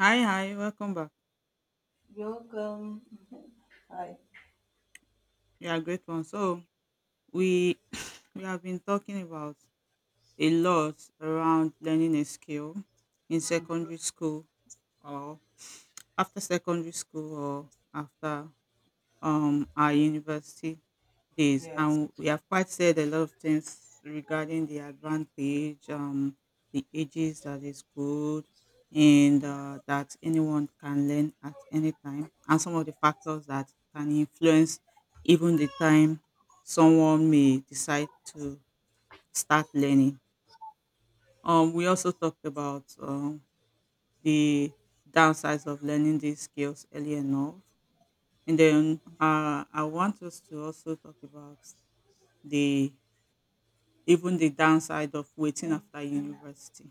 Hi, hi, welcome back. Welcome. Mhm. Hi. We are a great one. So we we have been talking about a lot around learning a skill in secondary school or after secondary school or after our university days, Yes. and we have quite said a lot of things regarding the advantage, the ages that is good, and that anyone can learn at any time, and some of the factors that can influence even the time someone may decide to start learning. Um, we also talked about the downsides of learning these skills early enough. And then I want us to also talk about the even the downside of waiting after university,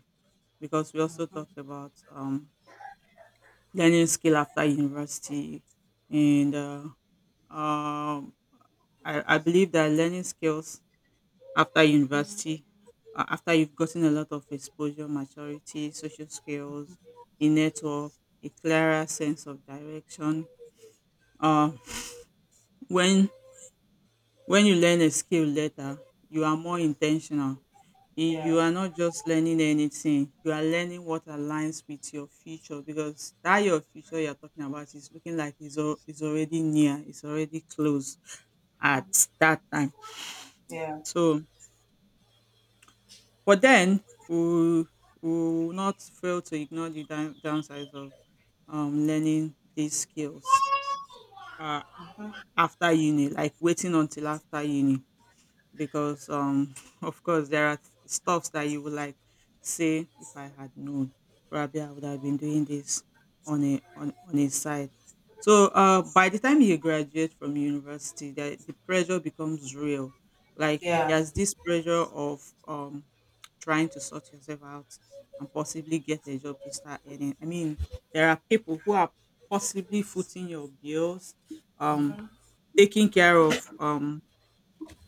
because we also talked about learning skill after university. And um, I believe that learning skills after university, after you've gotten a lot of exposure, maturity, social skills, a network, a clearer sense of direction, uh, when when you learn a skill later, you are more intentional. You Yeah. are not just learning anything, you are learning what aligns with your future, because that your future you're talking about is looking like it's, it's already near, it's already close at Mhm. that time. Yeah. So but then we will we will not fail to ignore the downsides of learning these skills, uh, Mhm. after uni, like waiting until after uni. Because of course there are stuffs that you would like say, "If I had known, probably I would have been doing this on a on a side." So by the time you graduate from university, that the pressure becomes real. Like Yeah. there's this pressure of trying to sort yourself out and possibly get a job to start earning. I mean, there are people who are possibly footing your bills, um taking care of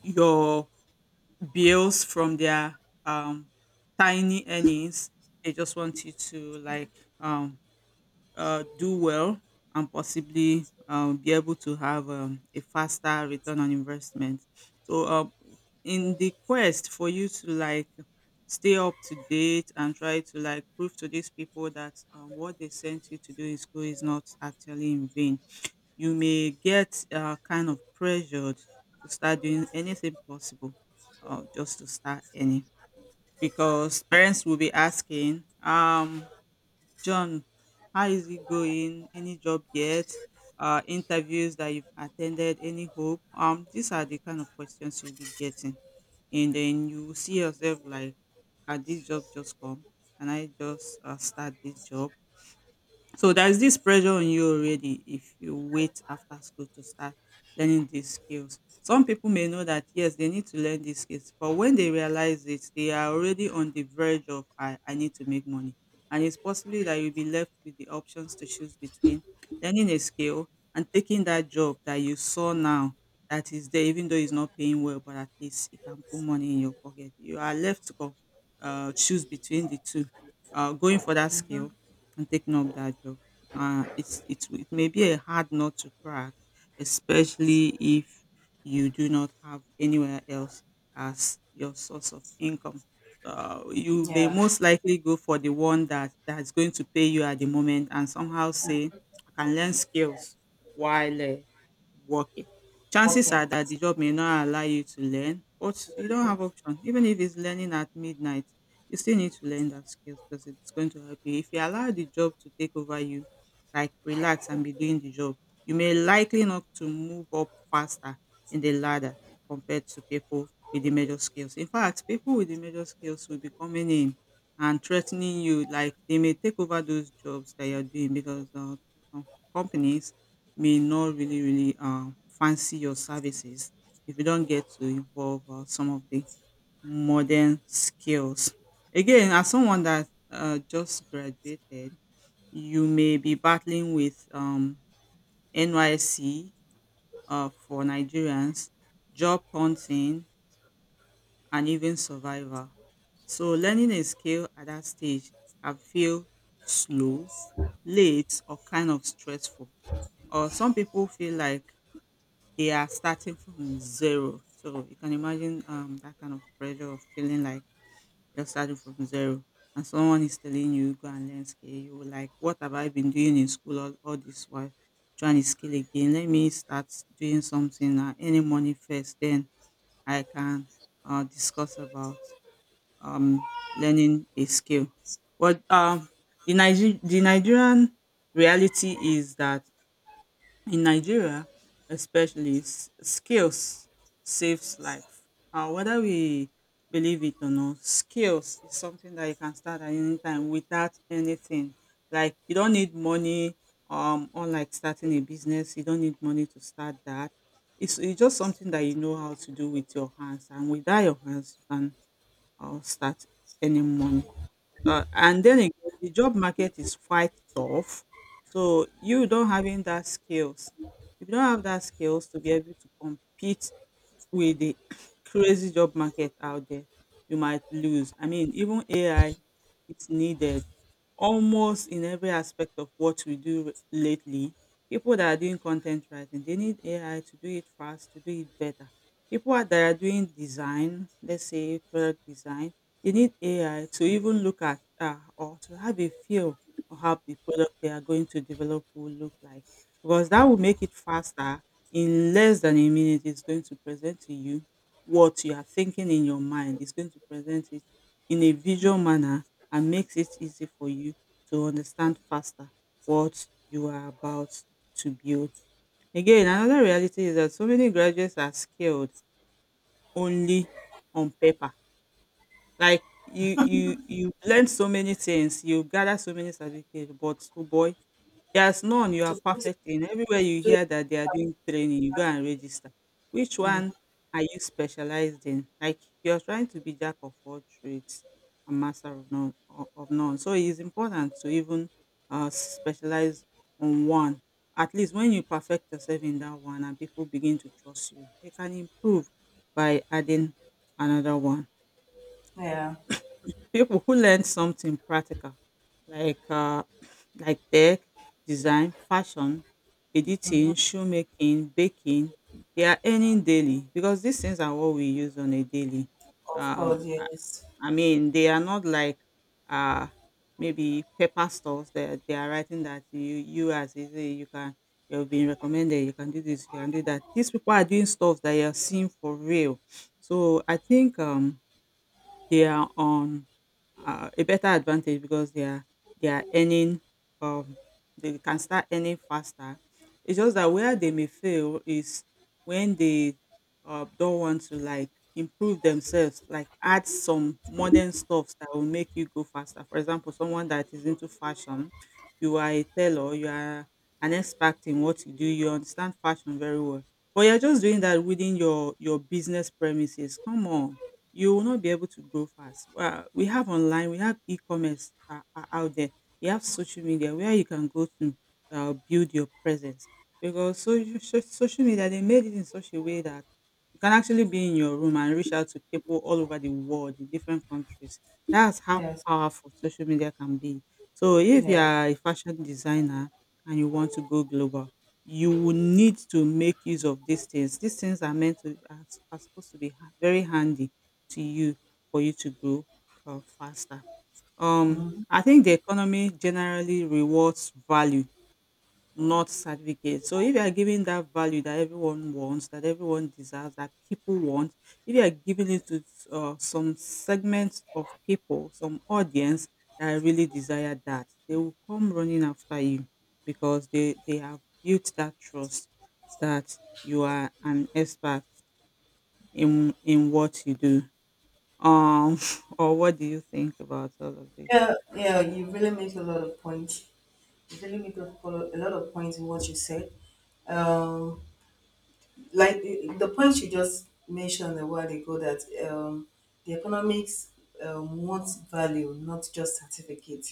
your bills from their um, tiny earnings. They just want you to like, um, do well and possibly be able to have a faster return on investment. So, in the quest for you to like stay up to date and try to like prove to these people that what they sent you to do in school is not actually in vain, you may get kind of pressured to start doing anything possible, just to start any. Because parents will be asking, "John, how is it going? Any job yet? Interviews that you've attended? Any hope?" Um, these are the kind of questions you'll be getting. And then you will see yourself like, "Can this job just come? Can I just start this job?" So there's this pressure on you already if you wait after school to start learning these skills. Some people may know that yes, they need to learn these skills, but when they realize it, they are already on the verge of I need to make money. And it's possibly that you'll be left with the options to choose between learning a skill and taking that job that you saw now, that is there, even though it's not paying well, but at least it can put money in your pocket. You are left to go, choose between the two, going for that Mhm. skill and taking up that job. It's it may be a hard nut to crack, especially if you do not have anywhere else as your source of income. You may Yeah. most likely go for the one that's going to pay you at the moment, and somehow say, "I can learn skills while working." Chances Working are that the job may not allow you to learn, but you don't have to option. Even if it's learning at midnight, you still need to learn that skills because it's going to help you. If you allow the job to take over you, like relax and be doing the job, you may likely not to move up faster in the ladder compared to people with the major skills. In fact, people with the major skills will be coming in and threatening you, like they may take over those jobs that you're doing, because the um, companies may not really, really fancy your services if you don't get to involve some of the modern skills. Again, as someone that just graduated, you may be battling with NYC, for Nigerians, job hunting, and even survival. So, learning a skill at that stage can feel slow, late, or kind of stressful. Or some people feel like they are starting from zero. So, you can imagine that kind of pressure of feeling like you're starting from zero, and someone is telling you go and learn skill, you were like, "What have I been doing in school all this while? Trying to skill again. Let me start doing something, any money first, then I can discuss about um, learning a skill." But the Nigerian reality is that in Nigeria especially, skills saves life. Whether we believe it or not, skills is something that you can start at any time without anything. Like you don't need money. Unlike starting a business, you don't need money to start that. It's just something that you know how to do with your hands, and without your hands, you can start any money. And then again, the job market is quite tough. So you don't having that skills. If you don't have that skills to be able to compete with the crazy job market out there, you might lose. I mean, even AI is needed almost in every aspect of what we do lately. People that are doing content writing, they need AI to do it fast, to do it better. People that are doing design, let's say product design, they need AI to even look at, or to have a feel of how the product they are going to develop will look like, because that will make it faster. In less than a minute, it's going to present to you what you are thinking in your mind. It's going to present it in a visual manner, and makes it easy for you to understand faster what you are about to build. Again, another reality is that so many graduates are skilled only on paper. Like you learn so many things, you gather so many certificates, but oh boy, there's none you are to put it perfect in. Everywhere to you do it. hear that they are doing training, you go and register. Which one Mm-hmm. are you specialized in? Like you're trying to be jack of all trades, a master of none. Of none. So it is important to even specialize on one. At least when you perfect yourself in that one and people begin to trust you, you can improve by adding another one. Yeah. People who learn something practical, like uh, like tech, design, fashion, editing, shoemaking, baking. They are earning daily because these things are what we use on a daily. Of course. Um, I, Yes. I mean, they are not like uh, maybe paper stores. They are writing that you as easy, you can, you've been recommended, you can do this, you can do that. These people are doing stuff that you're seeing for real. So I think they are on a better advantage because they are earning. um they can start earning faster. It's just that where they may fail is when they don't want to like improve themselves, like add some modern stuffs that will make you go faster. For example, someone that is into fashion, you are a tailor, you are an expert in what you do, you understand fashion very well, but you're just doing that within your business premises. Come on, you will not be able to grow fast. Well, we have online, we have e-commerce, out there, we have social media where you can go to build your presence. Because social media, they made it in such a way that you can actually be in your room and reach out to people all over the world in different countries. That's how Yes. powerful social media can be. So if you Yeah. are a fashion designer and you want to go global, you will need to make use of these things. These things are meant to are supposed to be very handy to you for you to grow faster. Hmm. I think the economy generally rewards value, not certificate. So if you are giving that value that everyone wants, that everyone deserves, that people want, if you are giving it to some segments of people, some audience that really desire that, they will come running after you, because they have built that trust that you are an expert in what you do. Um, or what do you think about all of this? Yeah. Yeah. You really make a lot of points. You really make a lot of points in what you said. Um, like the point you just mentioned a while ago that um, the economics wants value, not just certificate.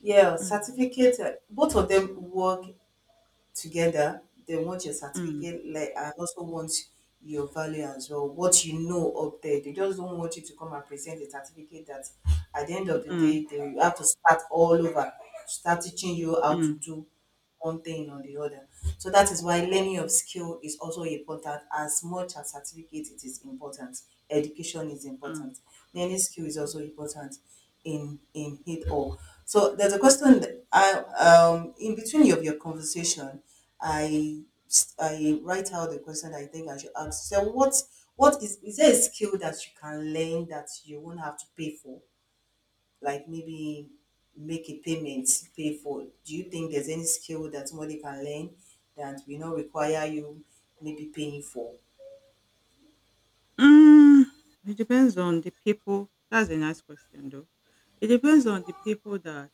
Yeah, Mm, certificate. Both of them work together. They want your mm, certificate, like, and also want your value as well, what you know up there. They just don't want you to come and present a certificate that at the end of the mm, day they will have to start all over, start teaching you how to mm, do one thing or the other. So that is why learning of skill is also important, as much as certificate. It is important, education is mm, important, learning skill is also mm. important in it all. So there's a question that I in between of your conversation, I I write out the question that I think I should ask. So what is there a skill that you can learn that you won't have to pay for? Like maybe make a payment, pay for. Do you think there's any skill that somebody can learn that will not require you maybe paying for? Mm, it depends on the people. That's a nice question, though. It depends on the people that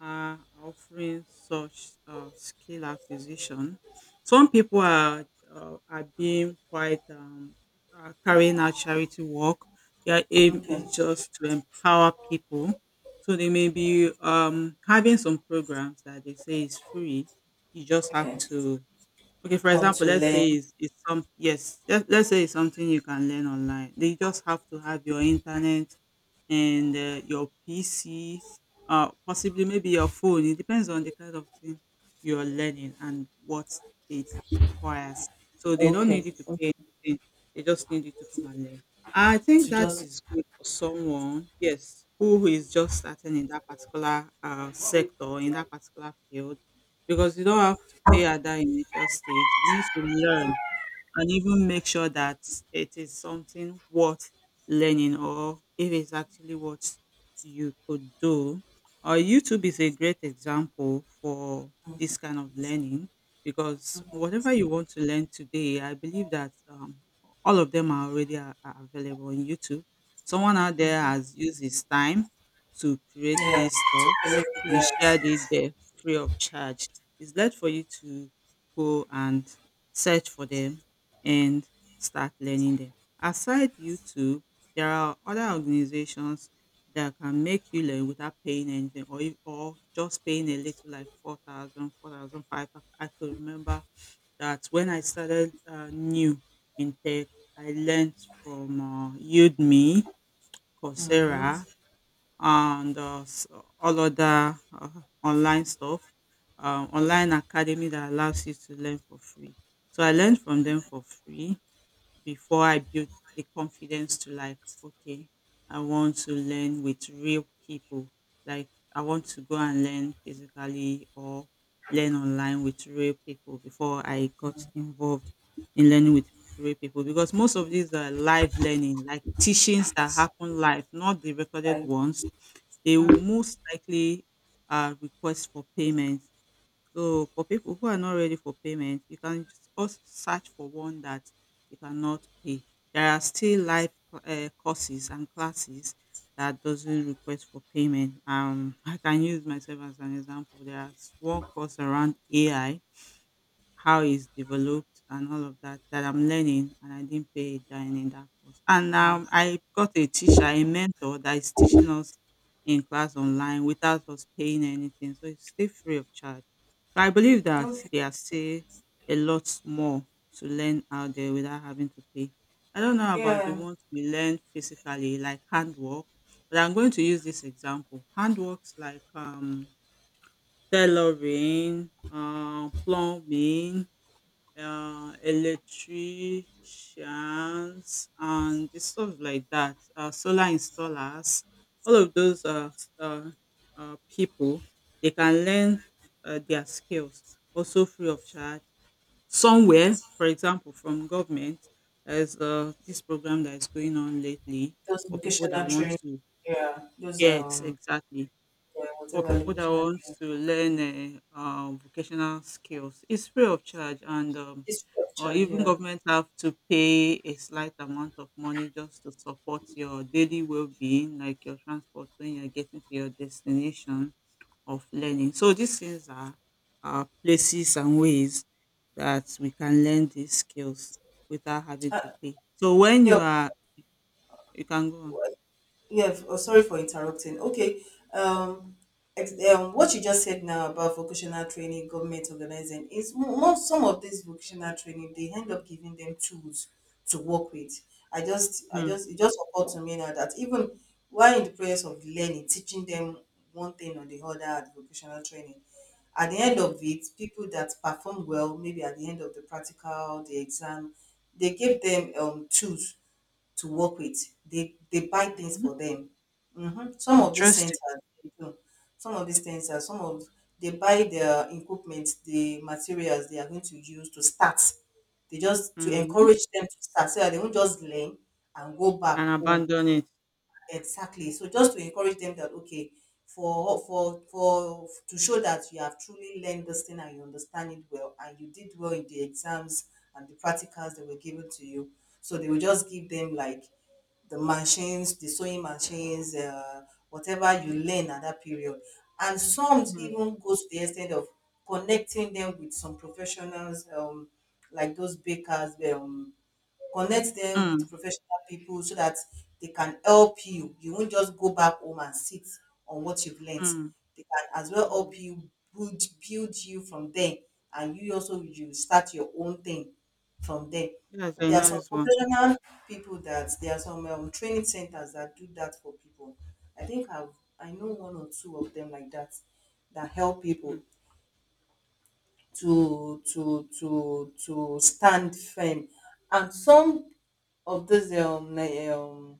are offering such skill acquisition. Some people are, are being quite, are carrying out charity work. Their aim Okay. is just to empower people. So they may be having some programs that they say is free. You just have Okay. to. Okay, for Come example, to let's learn. say it's some, yes, let's say it's something you can learn online. They just have to have your internet, and your PC, possibly maybe your phone. It depends on the kind of thing you're learning and what it requires. So they don't Okay. need you to pay anything. They just need you to come and learn. I think To that just. is good for someone, yes, who is just starting in that particular sector, in that particular field, because you don't have to pay at that initial stage. You need to learn and even make sure that it is something worth learning, or if it's actually what you could do. Or YouTube is a great example for this kind of learning because whatever you want to learn today, I believe that all of them are already are available on YouTube. Someone out there has used his time to create Yeah, this to stuff correct, and shared it yes. there free of charge. It's left for you to go and search for them and start learning them. Aside YouTube, there are other organizations that can make you learn without paying anything, or, or just paying a little, like 4,000, 4,005. I could remember that when I started new in tech, I learned from Udemy, Coursera, Mm-hmm. and all other online stuff, online academy that allows you to learn for free. So I learned from them for free before I built the confidence to, like, okay, I want to learn with real people. Like, I want to go and learn physically, or learn online with real people, before I got involved in learning with real people, because most of these are live learning, like teachings that happen live, not the recorded Like, ones. They will most likely request for payment, so for people who are not ready for payment, you can just also search for one that you cannot pay. There are still live courses and classes that doesn't request for payment. I can use myself as an example. There's one course around AI, how it's developed and all of that, that I'm learning, and I didn't pay a dime in that course. And I got a teacher, a mentor, that is teaching us in class online without us paying anything. So it's still free of charge. So I believe that okay, there are still a lot more to learn out there without having to pay. I don't know about the yeah, ones we learn physically, like handwork, but I'm going to use this example. Handworks like tailoring, plumbing, electricians and the stuff like that, solar installers, all of those people, they can learn their skills also free of charge. Somewhere, for example, from government, there's this program that is going on lately those for people that vocational want training. to. Yeah, those Yes, exactly, yeah, for whatever people that vocational want training. to learn vocational skills. It's free of charge, and History of or charge. even Yeah, government have to pay a slight amount of money just to support your daily well-being, like your transport when you're getting to your destination of learning. So these things are, places and ways that we can learn these skills without having to uh, pay. So when you yeah. are, you can go on. Yeah, oh, sorry for interrupting. Okay, um, what you just said now about vocational training, government organizing is most some of this vocational training they end up giving them tools to work with. Mm. It just occurred to me now that even while in the process of learning, teaching them one thing or the other at vocational training, at the end of it, people that perform well, maybe at the end of the practical, the exam, they give them tools to work with. They buy things Mm. for them. Hmm. Some of these Interesting. centers, they do. Some of these centers, some of they buy their equipment, the materials they are going to use to start. They just to Mm. encourage them to start so that they won't just learn and go back And home. abandon it. Exactly. So just to encourage them that okay, for to show that you have truly learned this thing and you understand it well and you did well in the exams and the practicals that were given to you. So they will just give them like the machines, the sewing machines, whatever you learn at that period. And some Hmm. even goes to the extent of connecting them with some professionals, like those bakers, connect them with Mm, professional people so that they can help you. You won't just go back home and sit on what you've learned. mm, They can as well mm. help you build you from there, and you also you start your own thing from there. That's a There are some nice one. professional people that there are some training centers that do that for people. I think I know one or two of them like that that help people Mm, to stand firm, and some of those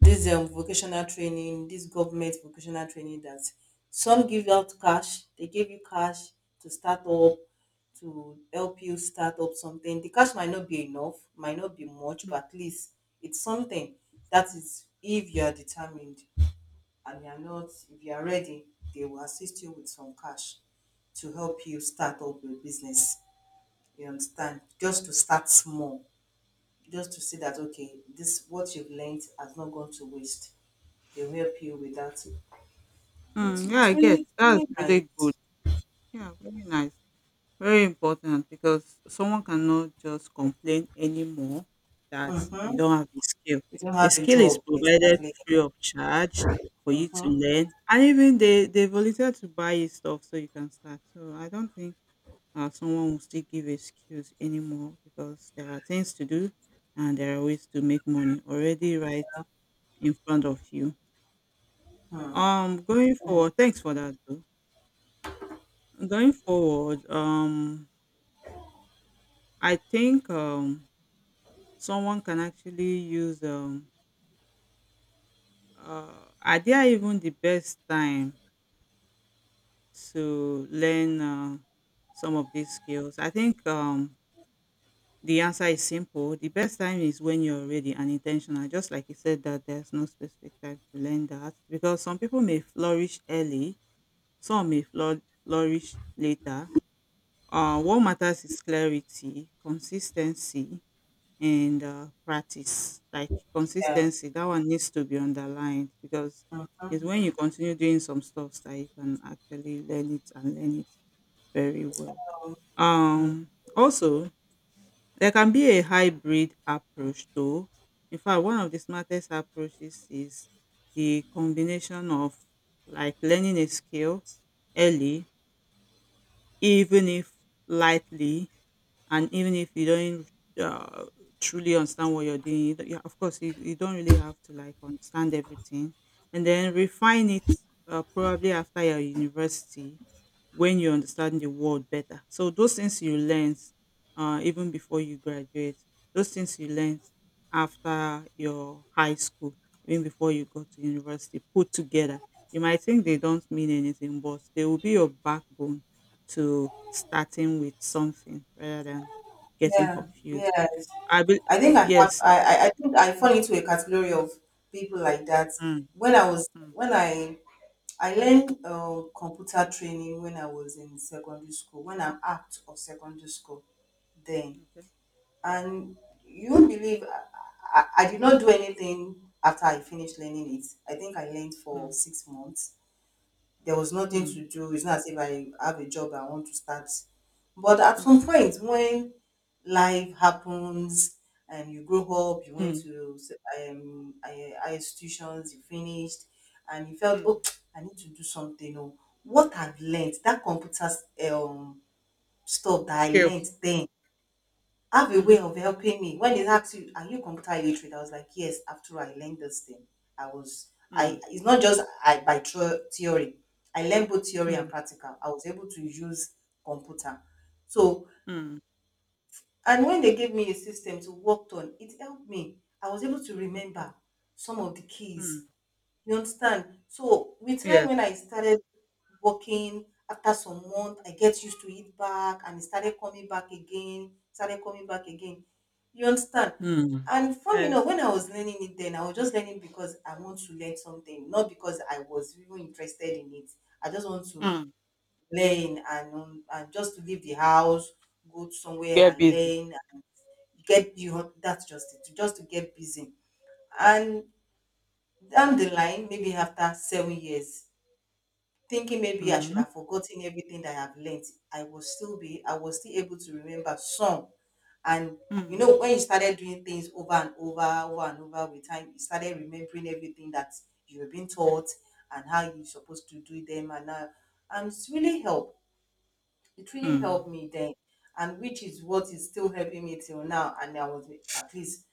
this vocational training this government vocational training that some give out cash, they give you cash to start up, to help you start up something. The cash might not be enough, might not be much, mm, but at least it's something. That is, if you are determined and you are not, if you are ready, they will assist you with some cash to help you start up your business, you understand? Just to start small, just to see that okay, this what you've learned has not gone to waste. They'll help you with that. It's, mm. Yeah, it's I get. really, That's really really good. nice. Yeah, very nice. Very important, because someone cannot just complain anymore that you Mm-hmm. don't have a skill. You don't A have a skill is job, provided exactly. free of charge for you to Mm-hmm. learn, and even they volunteer to buy you stuff so you can start. So I don't think someone will still give excuse anymore, because there are things to do and there are ways to make money already right in front of you. Mm-hmm. Going Yeah. forward, thanks for that though. Going forward, I think someone can actually use, are there even the best time to learn some of these skills? I think the answer is simple. The best time is when you're ready and intentional. Just like you said, that there's no specific time to learn that, because some people may flourish early, some may flourish later. What matters is clarity, consistency, and practice. Like Yeah. consistency, that one needs to be underlined, because it's Mhm. when you continue doing some stuff that you can actually learn it, and learn it very well. Um, also, there can be a hybrid approach though. In fact, one of the smartest approaches is the combination of, like, learning a skill early, even if lightly, and even if you don't uh, truly understand what you're doing, you don't- yeah, of course, you don't really have to, like, understand everything, and then refine it probably after your university, when you understand the world better. So those things you learn, even before you graduate, those things you learn after your high school, even before you go to university, put together. You might think they don't mean anything, but they will be your backbone to starting with something rather than getting Yeah, confused. yes. I be- I think I have yes. I think I fall into a category of people like that. Mm, When I was mm, when I I learned computer training when I was in secondary school, when I'm out of secondary school then. okay. And you won't believe I did not do anything after I finished learning it. I think I learned for Mm, 6 months. There was nothing mm, to do. It's not as if I have a job I want to start. But at some mm, point, when life happens and you grow up, you went mm, to higher institutions, you finished, and you felt, mm. oh, I need to do something. Or what I've learned, that computer um, stuff that I Skills. learned then, I have a way Mm, of helping me. When they ask you, are you computer illiterate? I was like, yes, after I learned this thing. Mm, It's not just I by theory. I learned both theory mm, and practical. I was able to use computer. So, mm, and when they gave me a system to work on, it helped me. I was able to remember some of the keys, mm. you understand? So with time Yeah. when I started working after some month, I get used to it back and it started coming back again, started coming back again. You understand? Mm. And funny enough, Yes. when I was learning it then, I was just learning because I want to learn something, not because I was even interested in it. I just want to Mm. learn and just to leave the house, go to somewhere Get and busy. learn, and get you. That's just it, just to get busy. And down the line, maybe after 7 years, thinking maybe I should Mhm. have forgotten everything that I have learnt, I was still able to remember some. And you Mm. know, when you started doing things over and over with time, you started remembering everything that you've been taught and how you're supposed to do them. And it's really helped. It really Mm. helped me then, and which is what is still helping me till now. And I was at least,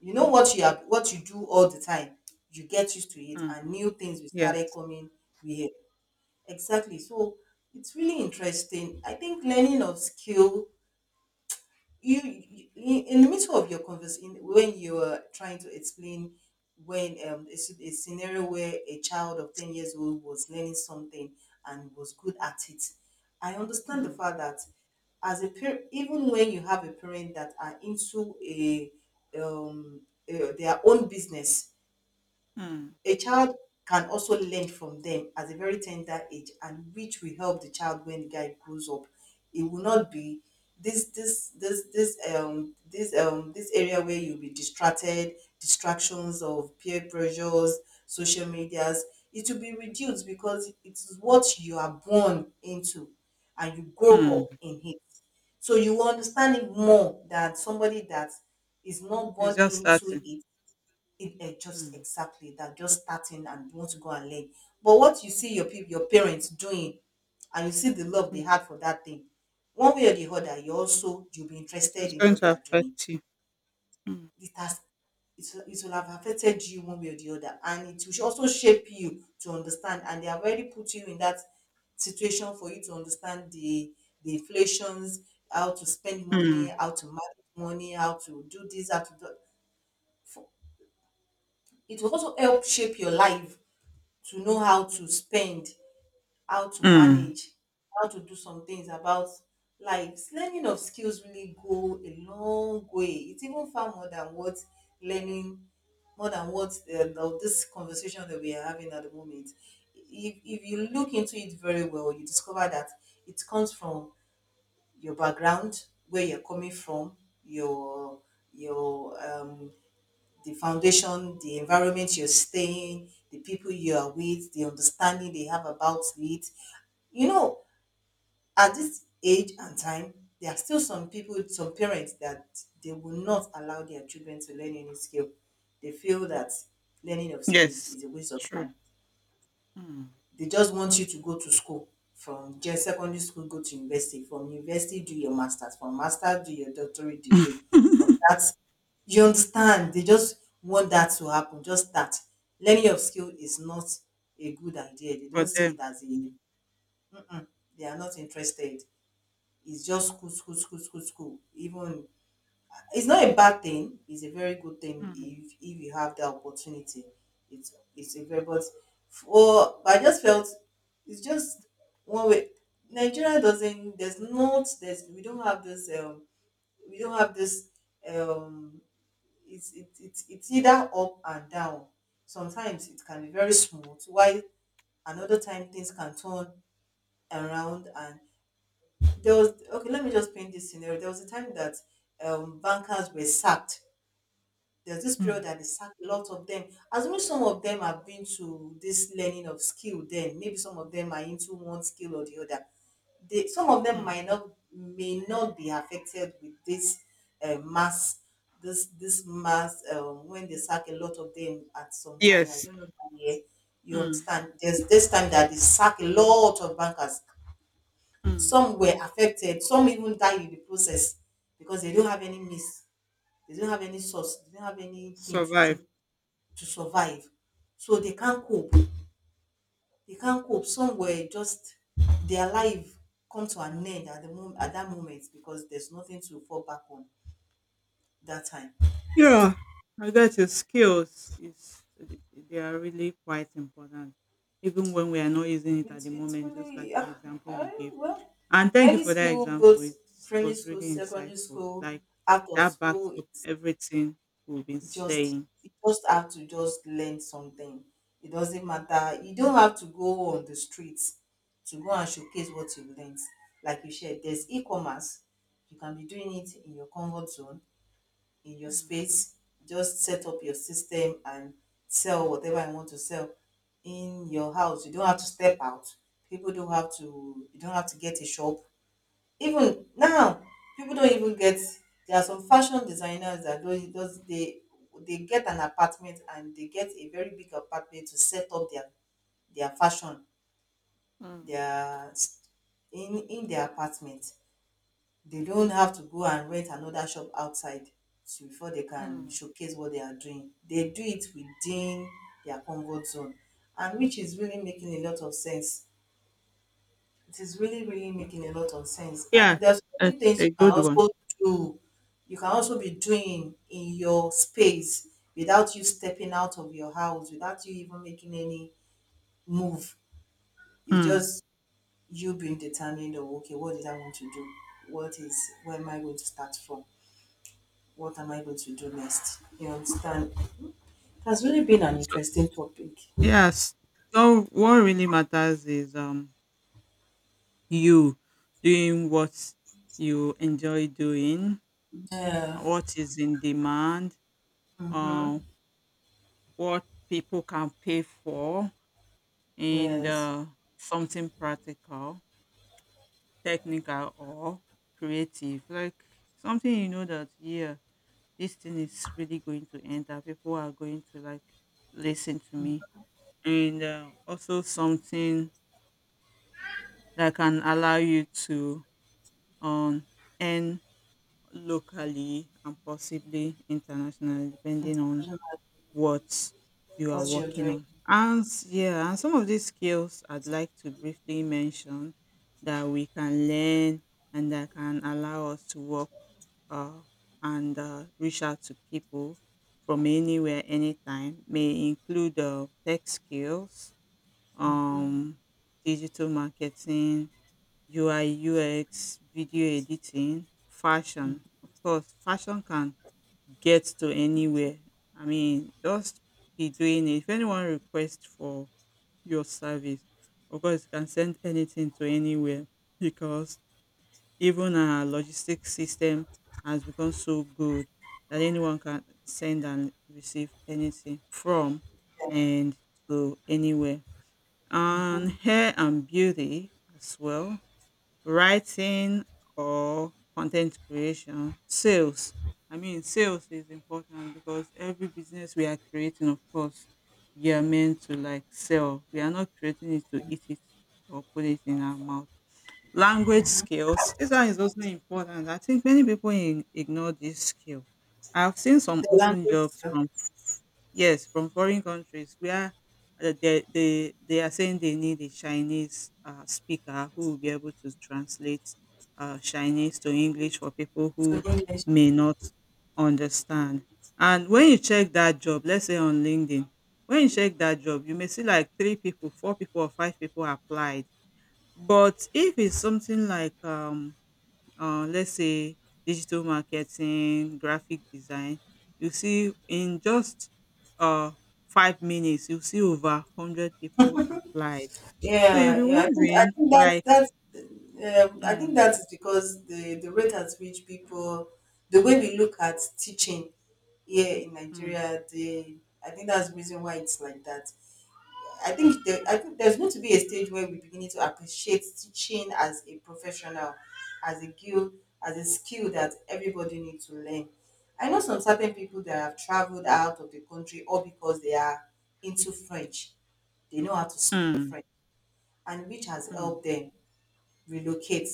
you know, what you have, what you do all the time, you get used to it, Mm. and new things will started Yes. coming. We Exactly. So it's really interesting. I think learning of skill, you in the middle of your conversation, when you are trying to explain when a scenario where a child of 10 years old was learning something and was good at it, I understand the Mm. fact that as a parent, even when you have a parent that are into a um, their own business, Mm. a child can also learn from them at a very tender age, and which will help the child when the guy grows up. It will not be this area where you'll be distracted, distractions of peer pressures, social medias. It will be reduced because it is what you are born into and you grow up Mm. in it. So you will understand it more than somebody that is not It's born just into starting. it, just Mm. exactly that just starting and want to go and learn, but what you see your people your parents doing and you see the love they had for that thing, one way or the Mm. other you also you'll be So it's interested in going what they to are doing. affect you. Mm. It has it, will- it will have affected you one way or the other, and it will also shape you to understand, and they have already put you in that situation for you to understand the inflations, how to spend money, Mm. how to manage money, how to do this, how to do, it will also help shape your life to know how to spend, how to Mm. manage, how to do some things about lives. Learning of skills really go a long way. It's even far more than learning, what this conversation that we are having at the moment. If you look into it very well, you discover that it comes from your background, where you're coming from, your your the foundation, the environment you're staying, the people you are with, the understanding they have about it. You know, at this age and time, there are still some people, some parents that they will not allow their children to learn any skill. They feel that learning of skills Yes. is a waste of True. time. Mm. They just want you to go to school from just secondary school, go to university, from university, do your master's, from master, do your doctorate degree. From that, you understand? They just want that to happen, just that. Learning of skill is not a good idea. They For don't see them. it as a, mm-mm, they are not interested. It's just school, school, school, school, school. Even it's not a bad thing. It's a very good thing Mm. if you have the opportunity. It's a very but for but I just felt it's just one way. Nigeria doesn't. There's not. There's We don't have this. We don't have this. Um, it's it, it's either up and down. Sometimes it can be very smooth, while another time things can turn around. And there was okay. Let me just paint this scenario. There was a time that bankers were sacked, there's this period Mm. that they sack a lot of them. Assuming some of them have been to this learning of skill, then maybe some of them are into one skill or the other. Some of them Mm. might not may not be affected with this mass, this mass, when they sack a lot of them at some time. I Yes. don't know that year. You Mm. understand? There's this time that they sack a lot of bankers. Mm. Some were affected. Some even died in the process because they don't have any means. They don't have any source. They don't have anything to Survive. do to survive. So they can't cope. They can't cope. Some were just their life come to an end at that moment because there's nothing to fall back on that time. Yeah, I get. Your skills is, they are really quite important, even when we are not using it at It's the it's moment. Just like really the uh, example you gave, well and thank you any for that skill, example. both It primary was school, really secondary insightful. school, Like, out of that backs school, up everything we've been just saying. you just have to just learn something. It doesn't matter. You don't have to go on the streets to go and showcase Mm, what you learned. Like you said, mm, there's e-commerce. You can be doing it in your comfort zone, in your mm, space. Just set up your system and sell whatever you want to sell in your house. You don't have to step out. People don't have to. You don't have to get a shop. Even now, people don't even get there are some fashion designers that don't just they get an apartment, and they get a very big apartment to set up their fashion mm, their in their apartment. They don't have to go and rent another shop outside to before they can mm. showcase what they are doing. They do it within their comfort zone, and which is really making a lot of sense. It is really, really making a lot of sense. Yeah, And there's so many it's things a you can good one. also do. You can also be doing in your space without you stepping out of your house, without you even making any move. It's Mm. just you being determined or okay, what did I want to do? What is Where am I going to start from? What am I going to do next? You understand? It has really been an So, interesting topic. yes, so what really matters is you doing what you enjoy doing, Yeah. what is in demand, Mm-hmm. uh, what people can pay for, and Yes. Something practical, technical, or creative. Like, something you know that, yeah, this thing is really going to enter. People are going to, like, listen to me. And also something that can allow you to um, earn locally and possibly internationally, depending on International. what you are What you're working doing. on. And yeah, and some of these skills I'd like to briefly mention that we can learn, and that can allow us to work uh, and reach out to people from anywhere, anytime, may include tech skills, um, digital marketing, UI, UX, video editing, fashion. Of course, fashion can get to anywhere. I mean, just be doing it. If anyone requests for your service, of course, you can send anything to anywhere, because even our logistics system has become so good that anyone can send and receive anything from Yeah. and to anywhere. And hair and beauty as well, writing or content creation, sales. I mean, sales is important, because every business we are creating, of course, we are meant to, like, sell. We are not creating it to eat it or put it in our mouth. Language skills. This one is also important. I think many people in, ignore this skill. I've seen some The open language, jobs yeah. from, yes, from foreign countries where they are saying they need a Chinese speaker who will be able to translate Chinese to English for people So who English. may not understand. And when you check that job, let's say on LinkedIn, when you check that job, you may see like three people, four people, or five people applied. But if it's something like let's say digital marketing, graphic design, you see in just um 5 minutes you see over 100 people applied. So you'll be Yeah, yeah. I think I wondering, think that's like, that's I think um that's because the rate at which people, the way we look at teaching here in um Nigeria, the, I think that's the reason why it's like that. I think there's going to be a stage where we beginning to appreciate teaching as a professional, as a skill, as a skill that everybody needs to learn. I know some certain people that have traveled out of the country all because they are into French. They know how to speak um French, and which has um helped them relocate,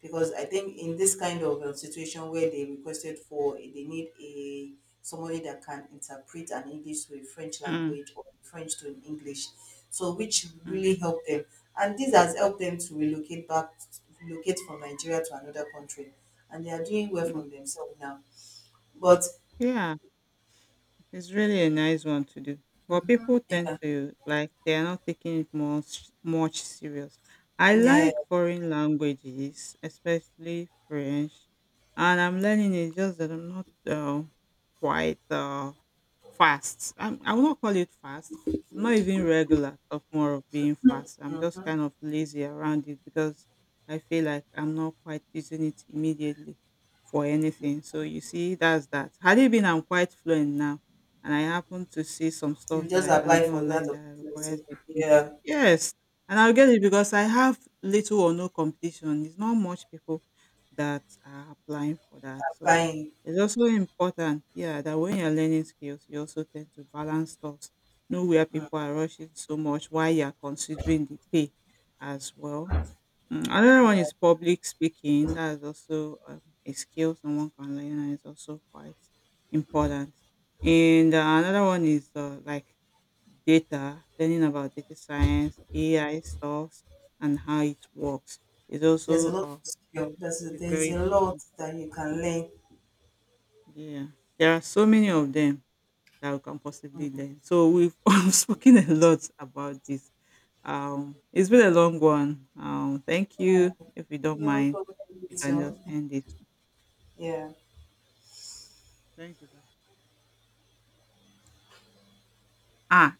because I think in this kind of situation where they requested for, they need a somebody that can interpret an English to a French um language, or French to an English, so which um really helped them, and this has helped them to relocate back, relocate from Nigeria to another country, and they are doing well um from themselves now. But yeah, it's really a nice one to do. But people tend yeah, to, like, they are not taking it much much serious. I yeah, like foreign languages, especially French, and I'm learning it. Just that I'm not quite. Fast. I will not call it fast. I'm not even regular, of more of being fast. I'm just kind of lazy around it because I feel like I'm not quite using it immediately for anything. So you see, that's that. Had it been I'm quite fluent now, and I happen to see some you stuff that just I can do apply for that online that requires opportunity. a tip. Yeah, Yes, and I'll get it, because I have little or no competition. It's not much people that are applying for that. So applying. it's also important, yeah, that when you're learning skills, you also tend to balance stuff, know where people are rushing so much, why you're considering the pay as well. Another one Yeah. is public speaking. That is also a skill someone can learn, and it's also quite important. And another one is, like, data, learning about data science, AI stuffs, and how it works, is There's a also lot of skill. A There's very a important. lot One. that you can learn. Yeah, there are so many of them that we can possibly learn. So we've spoken a lot about this. It's been a long one. Thank Yeah, you. If you don't you're mind, welcome. you You can too. just end this. Yeah. Thank you. Bye. Ah,